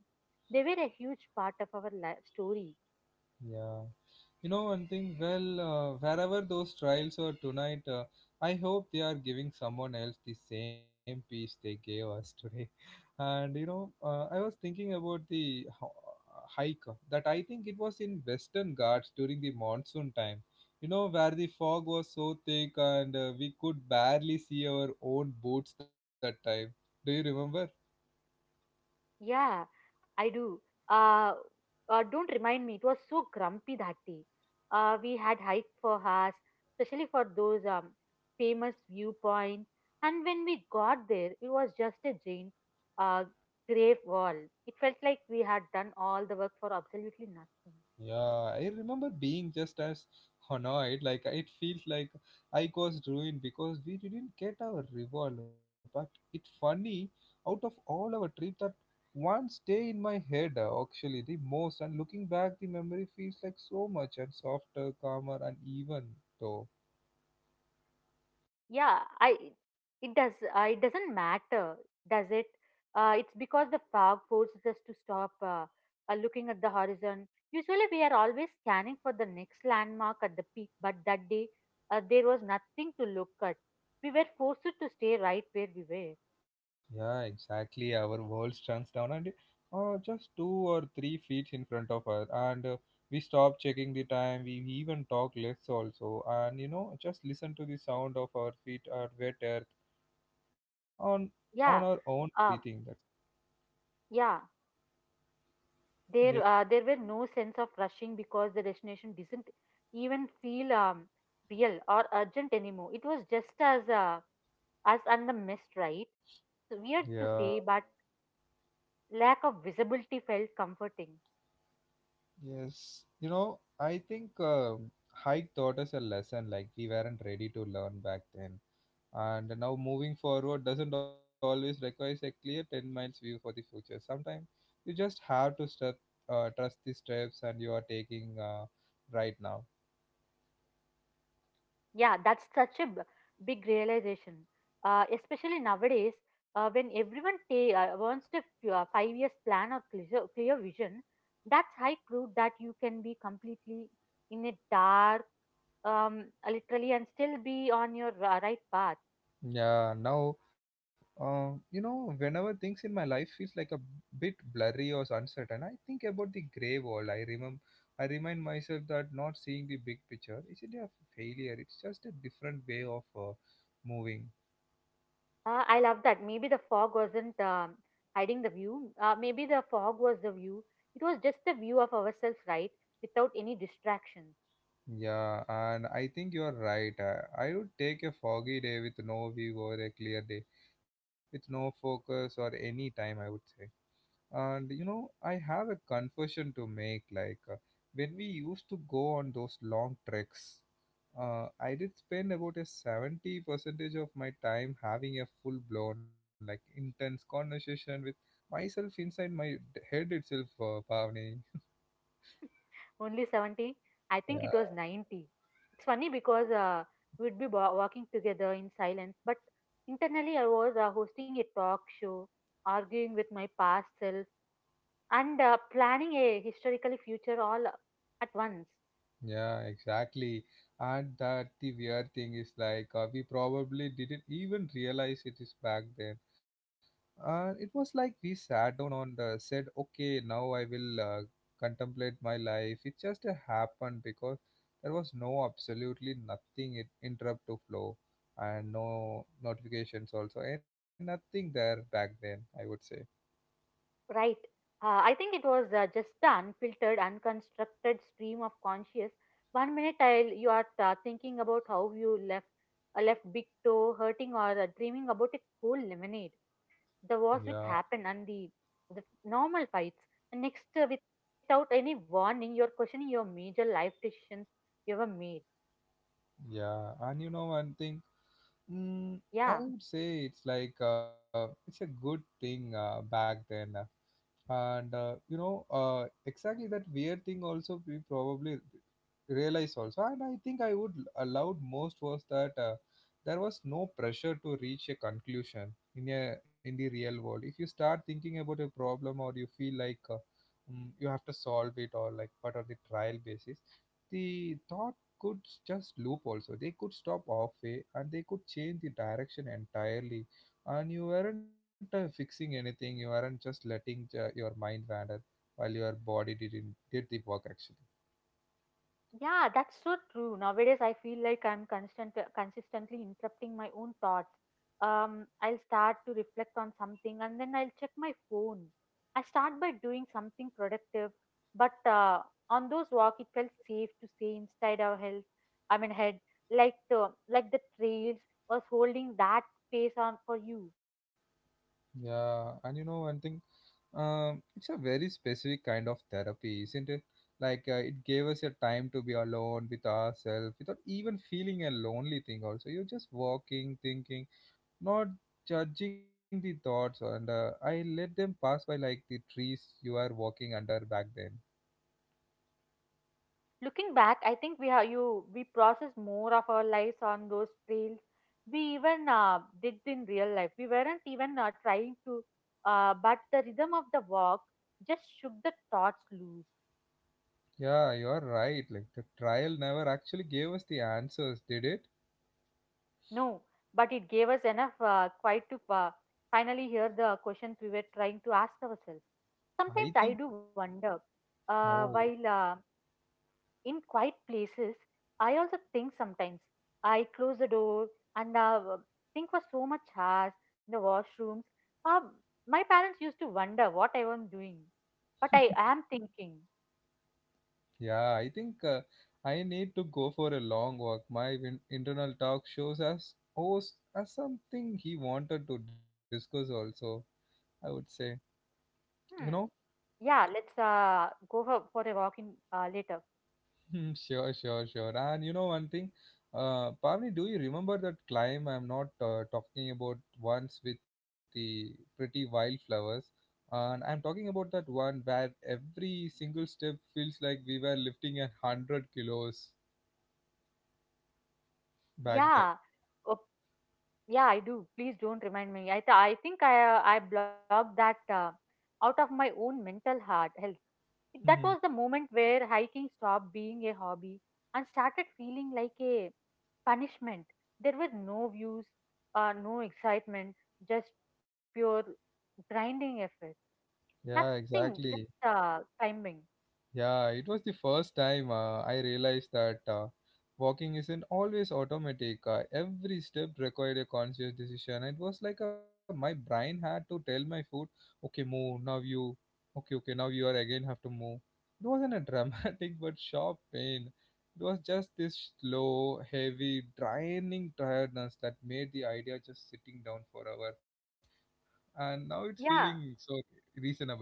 Speaker 2: they were a huge part of our life story.
Speaker 1: Yeah. You know, one thing, well, wherever those trials are tonight, I hope they are giving someone else the same peace they gave us today. And you know, I was thinking about the hike that I think it was in Western Ghats during the monsoon time. You know, where the fog was so thick and we could barely see our own boots that time. Do you remember?
Speaker 2: Yeah, I do. Uh, don't remind me. It was so grumpy that day. We had hiked for hours, especially for those famous viewpoints. And when we got there, it was just a giant uh, grave wall. It felt like we had done all the work for absolutely nothing.
Speaker 1: Yeah, I remember being just as annoyed. Like it feels like I caused ruin because we didn't get our reward. But it's funny, out of all our trip, that one stay in my head actually the most. And looking back, the memory feels like so much and softer, calmer, and even though.
Speaker 2: Yeah, I it does, it doesn't matter, does it? It's because the fog forces us to stop looking at the horizon. Usually we are always scanning for the next landmark at the peak, but that day there was nothing to look at, we were forced to stay right where we were.
Speaker 1: Yeah, exactly. Our world stands down and just 2 or 3 feet in front of us, and we stop checking the time. We even talk less also, and you know, just listen to the sound of our feet or wet earth on
Speaker 2: Yeah,
Speaker 1: on our own
Speaker 2: uh,
Speaker 1: breathing. That's
Speaker 2: yeah,
Speaker 1: yes,
Speaker 2: there were no sense of rushing because the destination didn't even feel real or urgent anymore. It was just as us and the mist, right? It's weird
Speaker 1: yeah,
Speaker 2: to say, but lack of visibility felt comforting.
Speaker 1: yes. You know, I think hike taught us a lesson like we weren't ready to learn back then. And now moving forward doesn't always require a clear 10 miles view for the future. Sometimes you just have to step, trust the steps and you are taking right now.
Speaker 2: Yeah, that's such a big realization, especially nowadays when everyone wants a 5-year plan or clear vision. That's high proof that you can be completely in a dark, literally, and still be on your right path.
Speaker 1: Yeah, now, you know, whenever things in my life feels like a bit blurry or uncertain, I think about the gray wall. I remember, I remind myself that not seeing the big picture isn't a failure. It's just a different way of moving.
Speaker 2: I love that. Maybe the fog wasn't hiding the view. Maybe the fog was the view. It was just the view of ourselves, right? Without any distractions.
Speaker 1: Yeah, and I think you are right. I would take a foggy day with no view or a clear day with no focus or any time, I would say. And you know, I have a confession to make. Like when we used to go on those long treks, I did spend about a 70 percentage of my time having a full blown, like intense conversation with myself inside my head itself, Pavni.
Speaker 2: Only 70. I think
Speaker 1: Yeah.
Speaker 2: it was 90. It's funny because we'd be walking together in silence, but internally I was hosting a talk show, arguing with my past self, and planning a historically future all at once.
Speaker 1: Yeah, exactly. And that the weird thing is like we probably didn't even realize it is back then. It was like we sat down on the said, okay, now I will contemplate my life. It just happened because there was no absolutely nothing it interrupt to flow and no notifications also and nothing there back then. I would say.
Speaker 2: Right. I think it was just an unfiltered, unconstructed stream of conscious. One minute you are thinking about how you left a left big toe hurting or dreaming about a cool lemonade. The wars
Speaker 1: Yeah,
Speaker 2: which happen and the normal fights. And next, without any warning, you're questioning your major life decisions you ever made.
Speaker 1: yeah. And you know one thing. Mm, I
Speaker 2: Yeah.
Speaker 1: would say it's like it's a good thing back then, and you know exactly that weird thing also we probably realize also and I think I would allowed most was that there was no pressure to reach a conclusion in the real world. If you start thinking about a problem or you feel like you have to solve it or like, but on the trial basis the thought could just loop also, they could stop halfway, and they could change the direction entirely. And you weren't fixing anything, you weren't just letting your mind wander while your body didn't did the work actually.
Speaker 2: Yeah, that's so true. Nowadays, I feel like I'm consistently interrupting my own thoughts. I'll start to reflect on something and then I'll check my phone. I start by doing something productive, but on those walk, it felt safe to stay inside our health. I mean, head, like the trails was holding that space on for you.
Speaker 1: Yeah, and you know one thing, it's a very specific kind of therapy, isn't it? Like it gave us a time to be alone with ourselves without even feeling a lonely thing. Also, you're just walking, thinking, not judging the thoughts, and I let them pass by like the trees you are walking under back then.
Speaker 2: Looking back, I think we have you we process more of our lives on those trails, we even did in real life. We weren't even trying to but the rhythm of the walk just shook the thoughts loose.
Speaker 1: Yeah, you are right. Like the trial never actually gave us the answers, did it?
Speaker 2: No, but it gave us enough quiet to finally hear the questions we were trying to ask ourselves.
Speaker 1: I
Speaker 2: Sometimes
Speaker 1: think.
Speaker 2: I do wonder, while
Speaker 1: Oh.
Speaker 2: in quiet places, I also think sometimes. I close the door and think for so much hours in the washrooms. Uh, my parents used to wonder what I was doing, but I am thinking,
Speaker 1: Yeah, I think I need to go for a long walk. My internal talk shows us host as something he wanted to discuss also, I would say.
Speaker 2: hmm,
Speaker 1: You know?
Speaker 2: yeah, let's go for a walk in later.
Speaker 1: Hmm, sure, sure, sure. And you know one thing? Pavni, do you remember that climb I'm not talking about once with the pretty wildflowers? And I'm talking about that one where every single step feels like we were lifting 100 kilos back then.
Speaker 2: Yeah, uh, yeah, I do. Please don't remind me. I think I blocked that out of my own mental heart health. That was the
Speaker 1: Mhm.
Speaker 2: moment where hiking stopped being a hobby and started feeling like a punishment. There were no views, no excitement, just pure grinding effort.
Speaker 1: Yeah,
Speaker 2: Nothing,
Speaker 1: exactly.
Speaker 2: just climbing.
Speaker 1: Yeah, it was the first time I realized that walking isn't always automatic. Every step required a conscious decision. It was like my brain had to tell my foot, okay, move, now you, okay, okay, now you are again have to move. It wasn't a dramatic but sharp pain. It was just this slow, heavy, draining tiredness that made the idea just sitting down for hour. And now it's feeling
Speaker 2: Yeah,
Speaker 1: so reasonable.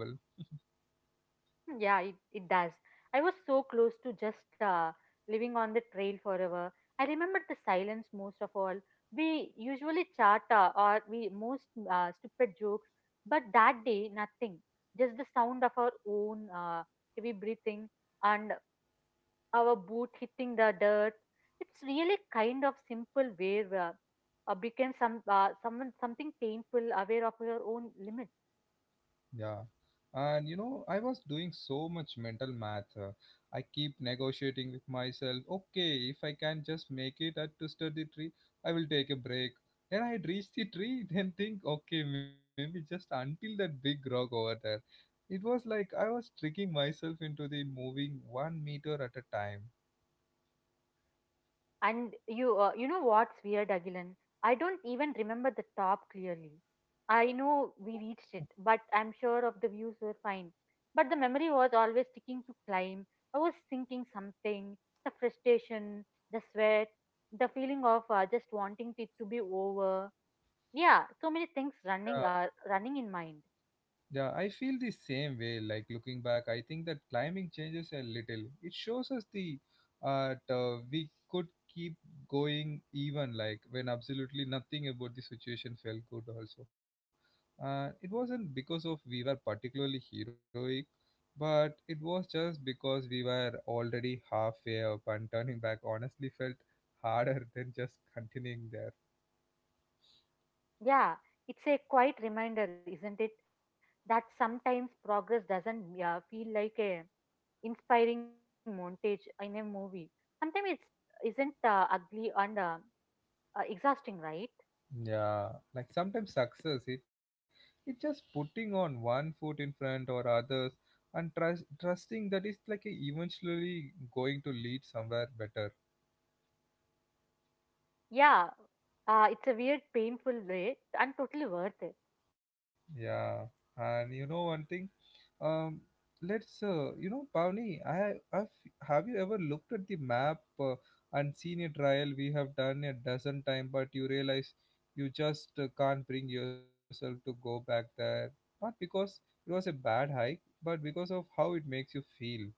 Speaker 2: yeah, it does. I was so close to just living on the trail forever. I remembered the silence most of all. We usually chat or we most stupid jokes, but that day, nothing. Just the sound of our own heavy breathing and our boot hitting the dirt. It's really kind of simple where became some someone something painful, aware of your own limits.
Speaker 1: Yeah. And you know, I was doing so much mental math. I keep negotiating with myself. Okay, if I can just make it at to study tree, I will take a break. Then I'd reach the tree, then think, okay, maybe just until that big rock over there. It was like I was tricking myself into the moving 1 meter at a time.
Speaker 2: And you know what's weird, Agilan? I don't even remember the top clearly. I know we reached it, but I'm sure of the views were fine. But the memory was always sticking to climb. I was thinking something, the frustration, the sweat, the feeling of just wanting it to be over. Yeah, so many things running in mind.
Speaker 1: Yeah, I feel the same way. Like looking back, I think that climbing changes a little. It shows us the we could keep going even like when absolutely nothing about the situation felt good. Also, it wasn't because of we were particularly heroic, but it was just because we were already halfway up, and turning back honestly felt harder than just continuing there.
Speaker 2: Yeah, it's a quiet reminder, isn't it, that sometimes progress doesn't feel like a inspiring montage in a movie, sometimes it's isn't ugly and exhausting, right?
Speaker 1: Yeah, like sometimes success it's just putting on one foot in front or others and trusting that is like a eventually going to lead somewhere better.
Speaker 2: Yeah, it's a weird painful way and totally worth it.
Speaker 1: Yeah, and you know one thing, Um, let's, you know, Pavni, have you ever looked at the map and seen a trial we have done a dozen times, but you realize you just can't bring yourself to go back there? Not because it was a bad hike, but because of how it makes you feel.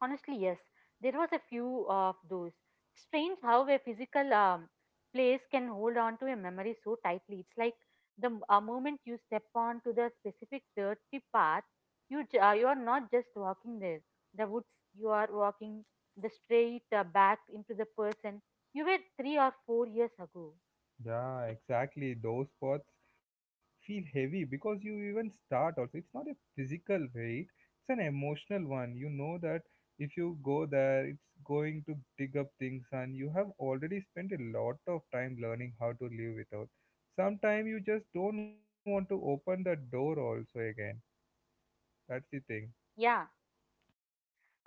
Speaker 2: Honestly, yes. There was a few of those. Strange how a physical place can hold on to a memory so tightly. It's like the moment you step onto the specific dirty path, you are not just walking there, the woods. You are walking the straight back into the person you were 3 or 4 years ago.
Speaker 1: Yeah, exactly. Those spots feel heavy because you even start also. It's not a physical weight, it's an emotional one. You know that if you go there, it's going to dig up things, and you have already spent a lot of time learning how to live without. Sometimes you just don't want to open the door also again. That's the thing.
Speaker 2: Yeah,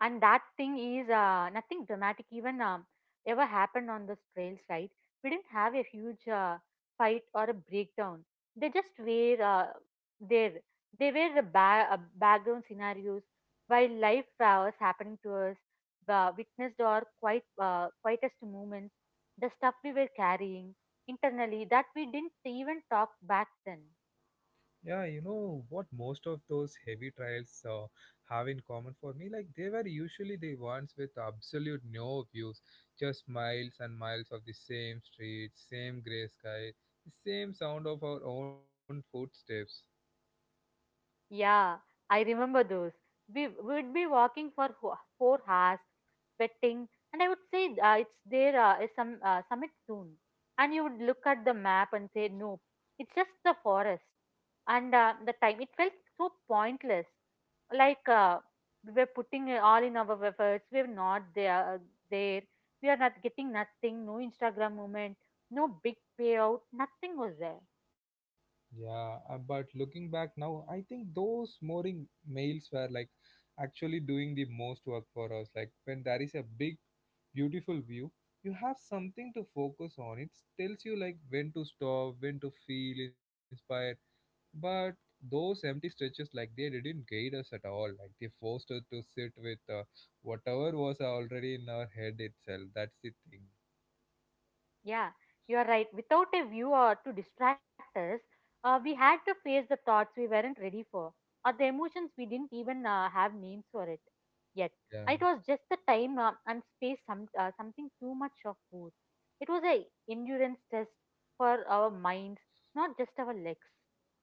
Speaker 2: and that thing is nothing dramatic even ever happened on this trail side. We didn't have a huge fight or a breakdown. They just were there. They were the background scenarios while life was happening to us, witnessed or quite quietest moments, the stuff we were carrying internally that we didn't even talk back then.
Speaker 1: Yeah, you know what most of those heavy trials have in common for me? Like they were usually the ones with absolute no views, just miles and miles of the same street, same gray sky, the same sound of our own footsteps.
Speaker 2: Yeah, I remember those. We would be walking for 4 hours, petting, and I would say it's there is some summit soon. And you would look at the map and say, nope, it's just the forest. And the time it felt so pointless, like we were putting it all in our efforts. We are not there. There, we are not getting nothing. No Instagram moment. No big payout. Nothing was there.
Speaker 1: Yeah, but looking back now, I think those mooring males were like actually doing the most work for us. Like when there is a big, beautiful view, you have something to focus on. It tells you like when to stop, when to feel inspired. But those empty stretches, like they didn't guide us at all. Like they forced us to sit with whatever was already in our head itself. That's the thing.
Speaker 2: Yeah, you are right. Without a viewer to distract us, we had to face the thoughts we weren't ready for, or the emotions we didn't even have names for it yet.
Speaker 1: Yeah.
Speaker 2: It was just the time and space, something too much of both. It was a endurance test for our minds, not just our legs.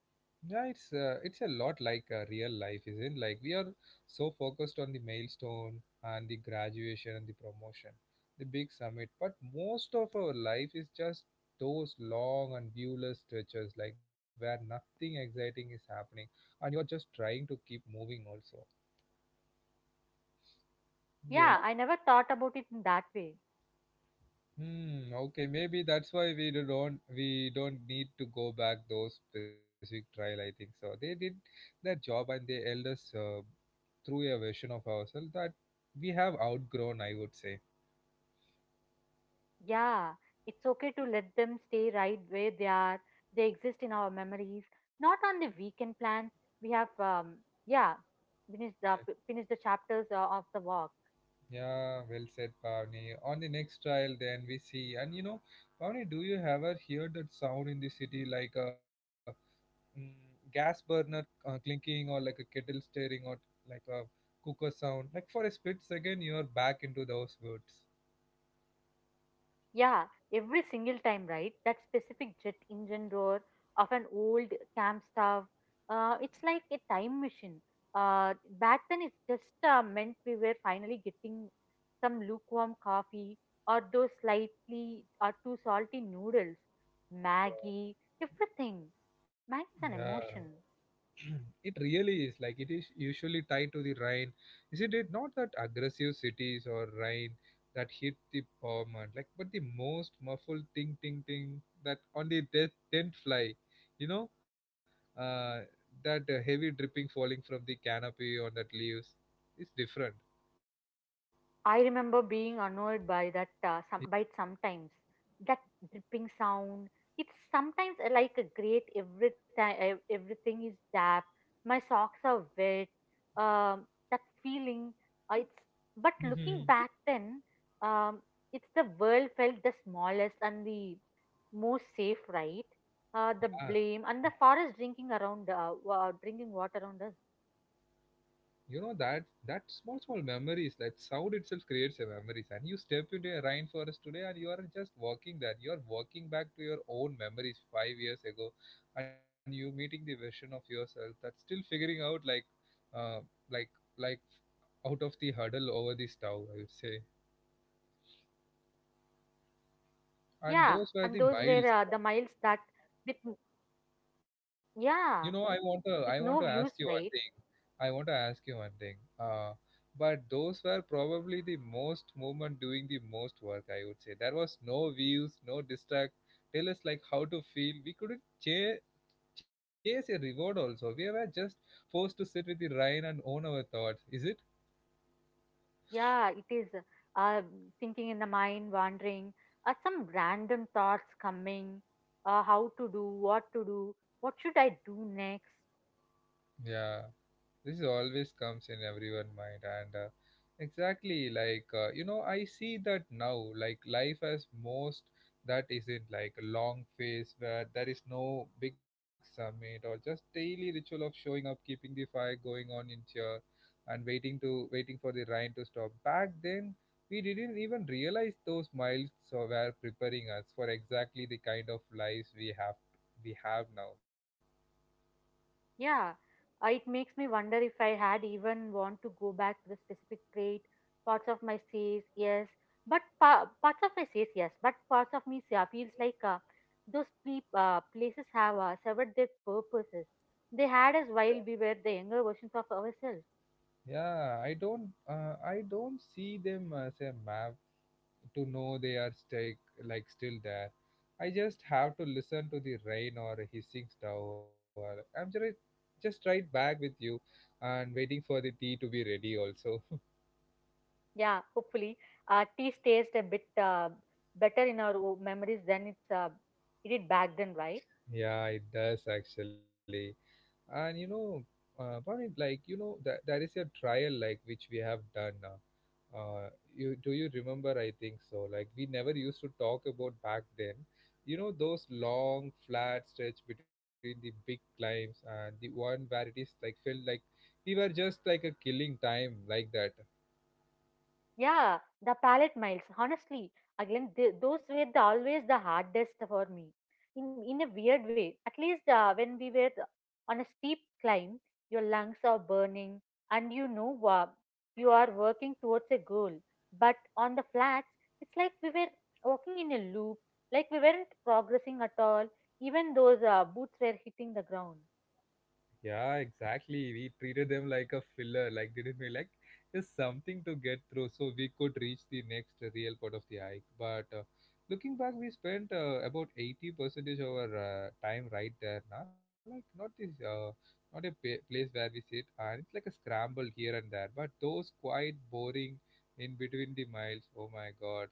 Speaker 1: Yeah, it's a lot like real life, isn't it? Like we are so focused on the milestone and the graduation and the promotion, the big summit. But most of our life is just those long and viewless stretches, like where nothing exciting is happening, and you are just trying to keep moving. Also, yeah. Yeah,
Speaker 2: Yeah, I never thought about it in that way.
Speaker 1: hmm. Okay, maybe that's why we don't need to go back those specific trial. I think so. They did their job and they held us. Through a version of ourselves that we have outgrown, I would say.
Speaker 2: Yeah, it's okay to let them stay right where they are. They exist in our memories, not on the weekend plans. We have, yeah, finished
Speaker 1: Yeah.
Speaker 2: finished the chapters of the walk.
Speaker 1: Yeah, well said, Pavni. On the next trial, then we see. And you know, Pavni, do you ever hear that sound in the city like a mm, gas burner clinking or like a kettle stirring or like a cooker sound? Like for a split second, you're back into those words.
Speaker 2: Yeah, every single time, right? That specific jet engine roar of an old camp stove. It's like a time machine. Uh, Back then, it just meant we were finally getting some lukewarm coffee or those slightly or too salty noodles. Maggie, everything. Maggie's
Speaker 1: Yeah,
Speaker 2: an emotion.
Speaker 1: it really is like it is usually tied to the rain, isn't it? Not that aggressive cities or rain that hit the pavement, like but the most muffled ting ting ting that on the death tent fly, you know, uh, that heavy dripping falling from the canopy on that leaves is different.
Speaker 2: I remember being annoyed by by it sometimes that dripping sound. It's sometimes like a great every time everything is damp. My socks are wet. That feeling. It's, but looking back then, um, it's the world felt the smallest and the most safe, right? The blame
Speaker 1: Yeah,
Speaker 2: and the forest drinking around drinking water around us.
Speaker 1: you know that that small small memories like sound itself creates a memories, and you step into a rainforest today and you are just walking there, you are walking back to your own memories 5 years ago, and you meeting the version of yourself that's still figuring out uh, like like out of the hurdle over the stove, I would say.
Speaker 2: Yeah,
Speaker 1: And
Speaker 2: and
Speaker 1: those
Speaker 2: those
Speaker 1: were the
Speaker 2: were the
Speaker 1: miles.
Speaker 2: miles that with,
Speaker 1: You know,
Speaker 2: yeah,
Speaker 1: I want
Speaker 2: with
Speaker 1: to
Speaker 2: no
Speaker 1: ask you
Speaker 2: views,
Speaker 1: one thing.
Speaker 2: right?
Speaker 1: I want to ask you one thing. Uh, but those were probably the most moment doing the most work, I would say. There was no views, no distract. Tell us like how to feel. We couldn't chase a reward also. We were just forced to sit with the rain and own our thoughts. Is it?
Speaker 2: Yeah, it is, uh, thinking in the mind, wandering, some random thoughts coming, how to do, what should I do next?
Speaker 1: Yeah. This is always comes in everyone mind, and exactly like you know, I see that now like life has most that isn't like a long phase where there is no big summit or just daily ritual of showing up keeping the fire going on in cheer and waiting for the rain to stop. Back then we didn't even realize those miles so were preparing us for exactly the kind of lives we have now.
Speaker 2: Yeah, it makes me wonder if I had even want to go back to the specific trait. Parts of my says yes, but parts of me feels like those sleep places have severed their purposes. They had us while we were the younger versions of ourselves.
Speaker 1: Yeah, I don't see them as a map to know they are stay, like still there. I just have to listen to the rain or hissing stove. Or, I'm just right back with you and waiting for the tea to be ready also.
Speaker 2: Yeah, hopefully, tea stays a bit better in our memories than it's it did back then, right?
Speaker 1: Yeah, it does actually. And you know, Barney, like you know that there is a trial like which we have done you do you remember, I think so, like we never used to talk about back then, you know those long flat stretch between the big climbs and the one where it is like felt like we were just like a killing time like that.
Speaker 2: Yeah, the palette miles. Honestly, again, those were the, always the hardest for me. In a weird way, at least when we were on a steep climb, your lungs are burning, and you know you are working towards a goal. But on the flats, it's like we were walking in a loop, like we weren't progressing at all, even those boots were hitting the ground.
Speaker 1: Yeah, exactly. We treated them like a filler, like didn't we? Like just something to get through, so we could reach the next real part of the hike. But looking back, we spent about 80 percentage of our time right there. Now, like not this, not a pa place where we sit, and it's like a scramble here and there. But those quite boring in between the miles. Oh my God.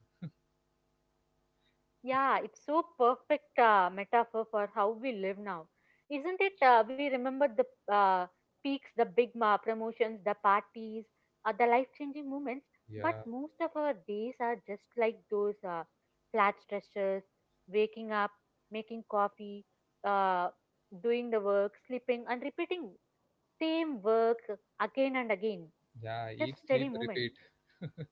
Speaker 1: It's-
Speaker 2: Yeah, it's so perfect metaphor for how we live now, isn't it? We remember the uh, peaks, the big ma promotions, the parties, the life-changing moments, but
Speaker 1: Yeah,
Speaker 2: most of our days are just like those flat stretches: waking up, making coffee, uh, doing the work, sleeping, and repeating same work again and again.
Speaker 1: yeah.
Speaker 2: Just
Speaker 1: Eat, sleep,
Speaker 2: steady movement.
Speaker 1: repeat.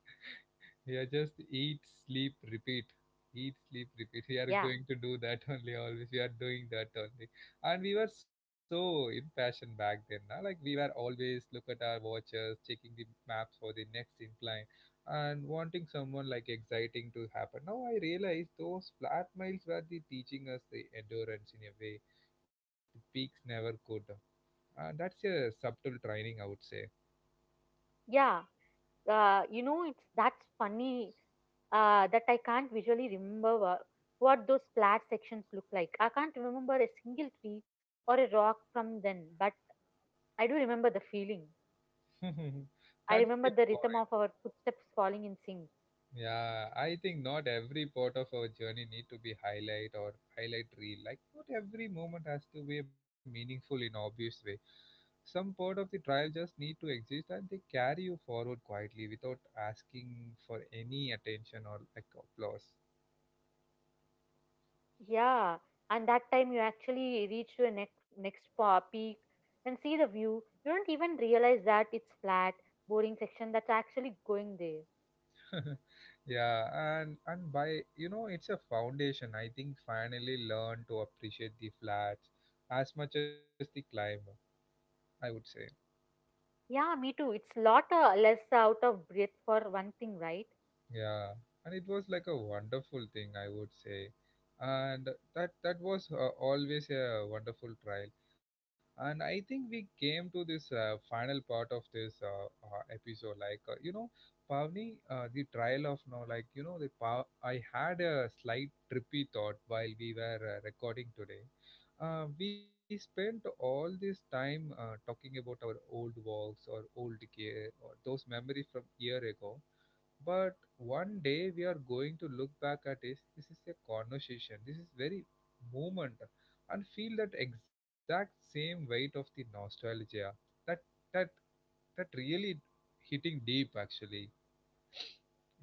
Speaker 1: Yeah, just eat, sleep, repeat. Eat, sleep, repeat. We
Speaker 2: Yeah,
Speaker 1: are going to do that only always. We are doing that only. And we were so impassioned back then. Na? Like we were always look at our watches, checking the maps for the next incline and wanting someone like exciting to happen. Now I realize those flat miles were the teaching us the endurance in a way the peaks never could. And that's a subtle training, I would say.
Speaker 2: yeah. You know it's that's funny, that I can't visually remember what those flat sections look like. I can't remember a single tree or a rock from then, but I do remember the feeling. I
Speaker 1: That's the
Speaker 2: remember the rhythm
Speaker 1: point.
Speaker 2: of our footsteps falling in sync.
Speaker 1: Yeah, I think not every part of our journey need to be highlight or highlight reel. Like not every moment has to be meaningful in obvious way. Some part of the trial just need to exist and they carry you forward quietly without asking for any attention or like applause.
Speaker 2: Yeah, and that time you actually reach to a next peak and see the view, you don't even realize that it's flat boring section that's actually going there.
Speaker 1: Yeah, and by you know it's a foundation. I think finally learn to appreciate the flats as much as the climb. I would say.
Speaker 2: Yeah, me too. It's lot less out of breath for one thing, right?
Speaker 1: Yeah, and it was like a wonderful thing, I would say, and that was always a wonderful trial. And I think we came to this final part of this episode, like you know, Pavni, the trial of now, like you know, the I had a slight trippy thought while we were recording today. We spent all this time talking about our old walks or old gear or those memories from year ago, but one day we are going to look back at this. This is a conversation. This is very moment, and feel that exact same weight of the nostalgia. That that that really hitting deep actually,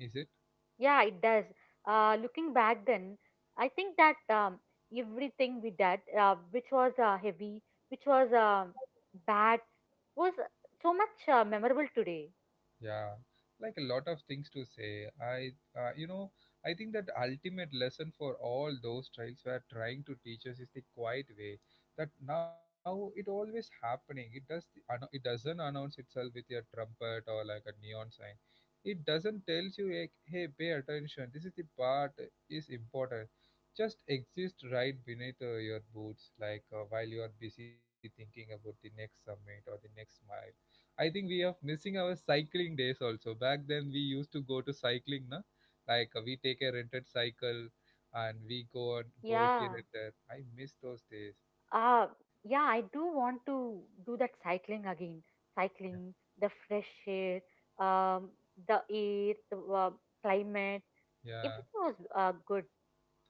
Speaker 1: is it?
Speaker 2: Yeah, it does. Looking back then, I think that everything we did, which was heavy, which was bad, was so much memorable today.
Speaker 1: Yeah, like a lot of things to say. You know, I think that ultimate lesson for all those trials were trying to teach us is the quiet way. That now it always happening. It does the, it doesn't announce itself with a trumpet or like a neon sign. It doesn't tells you like, hey, pay attention. This is the part is important. Just exist right beneath your boots, like while you are busy thinking about the next summit or the next smile. I think we are missing our cycling days also. Back then we used to go to cycling, na? Like we take a rented cycle and we go here
Speaker 2: Yeah.
Speaker 1: and there. I miss those days.
Speaker 2: Uh, yeah, I do want to do that cycling again.
Speaker 1: Yeah.
Speaker 2: Cycling, the fresh air, um, the air, the climate,
Speaker 1: Yeah.
Speaker 2: everything was good.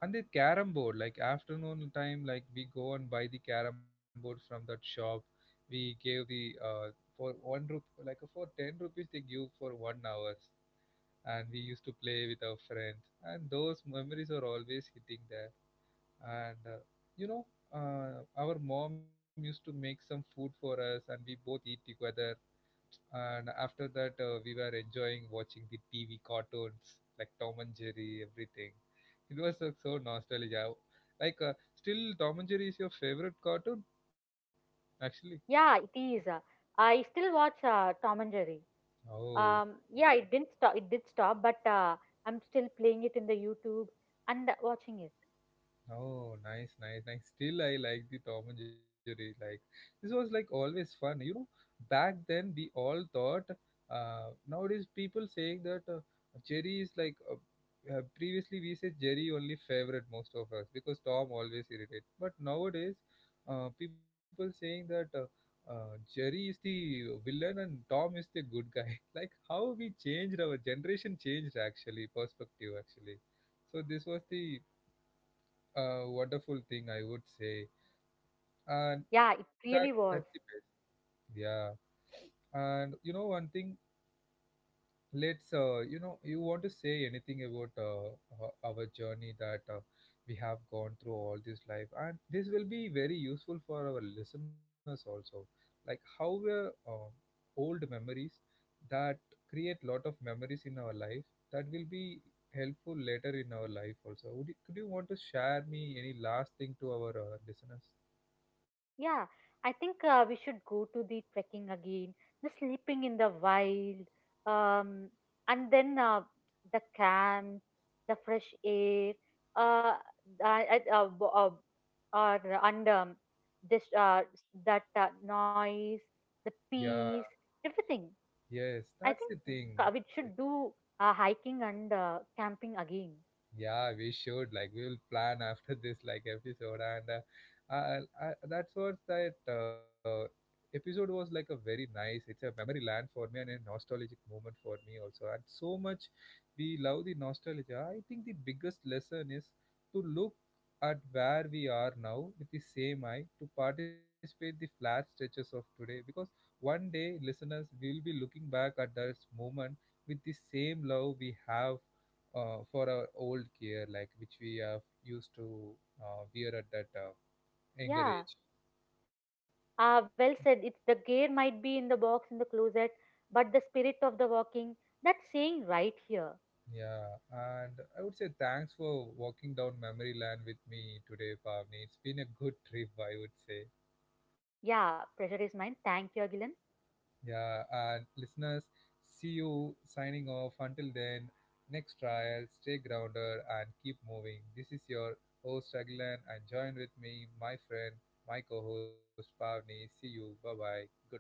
Speaker 1: And the carom board, like afternoon time, like we go and buy the carom board from that shop. We gave the for one rupee, like for ten rupees they give for one hours, and we used to play with our friends. And those memories are always hitting there. And you know, our mom used to make some food for us and we both eat together, and after that we were enjoying watching the TV cartoons like Tom and Jerry, everything. It was so nostalgic. I- like still Tom and Jerry is your favorite cartoon actually.
Speaker 2: Yeah, it is. I still watch Tom and Jerry.
Speaker 1: Oh.
Speaker 2: Um, yeah, it didn't stop it did stop, but I'm still playing it in the YouTube and watching it.
Speaker 1: Oh, nice, nice, nice. Still, I like the Tom and Jerry. Like this was like always fun. You know, back then we all thought. Nowadays people saying that Jerry is like. Previously we said Jerry only favorite most of us because Tom always irritates. But nowadays, people saying that Jerry is the villain and Tom is the good guy. Like how we changed, our generation changed actually, perspective actually. So this was the a wonderful thing, I would say. And
Speaker 2: Yeah,
Speaker 1: that
Speaker 2: it
Speaker 1: that's the
Speaker 2: really
Speaker 1: best.
Speaker 2: was.
Speaker 1: Yeah. And you know one thing, let's you know, you want to say anything about our journey that we have gone through all this life, and this will be very useful for our listeners also. Like how were old memories that create lot of memories in our life that will be helpful later in our life also. Would you, could you want to share me any last thing to our listeners?
Speaker 2: Yeah, I think we should go to the trekking again, the sleeping in the wild, um and then the camp, the fresh air, uh, I- bo- or and this that noise, the
Speaker 1: Yeah,
Speaker 2: peace, everything.
Speaker 1: yes,
Speaker 2: I
Speaker 1: that's the
Speaker 2: think
Speaker 1: thing.
Speaker 2: Kavit should do hiking and camping again.
Speaker 1: Yeah, we should. Like, we will plan after this like episode, and uh, uh, that's what that episode was like a very nice. It's a memory land for me and a nostalgic moment for me also. And so much we love the nostalgia. I think the biggest lesson is to look at where we are now with the same eye to participate the flat stretches of today, because one day listeners will be looking back at this moment with the same love we have for our old gear, like which we have used to wear at that younger age.
Speaker 2: Yeah, well said. It's the gear might be in the box in the closet, but the spirit of the walking, that's saying right here.
Speaker 1: Yeah, and I would say thanks for walking down memory lane with me today, Pavni. It's been a good trip, I would say.
Speaker 2: Yeah, pressure is mine. Thank you, Agilan.
Speaker 1: Yeah, and listeners, see you signing off. Until then, next trial, stay grounded and keep moving. This is your host, Agilan, and join with me, my friend, my co host, Pavni. See you. Bye bye. Good night.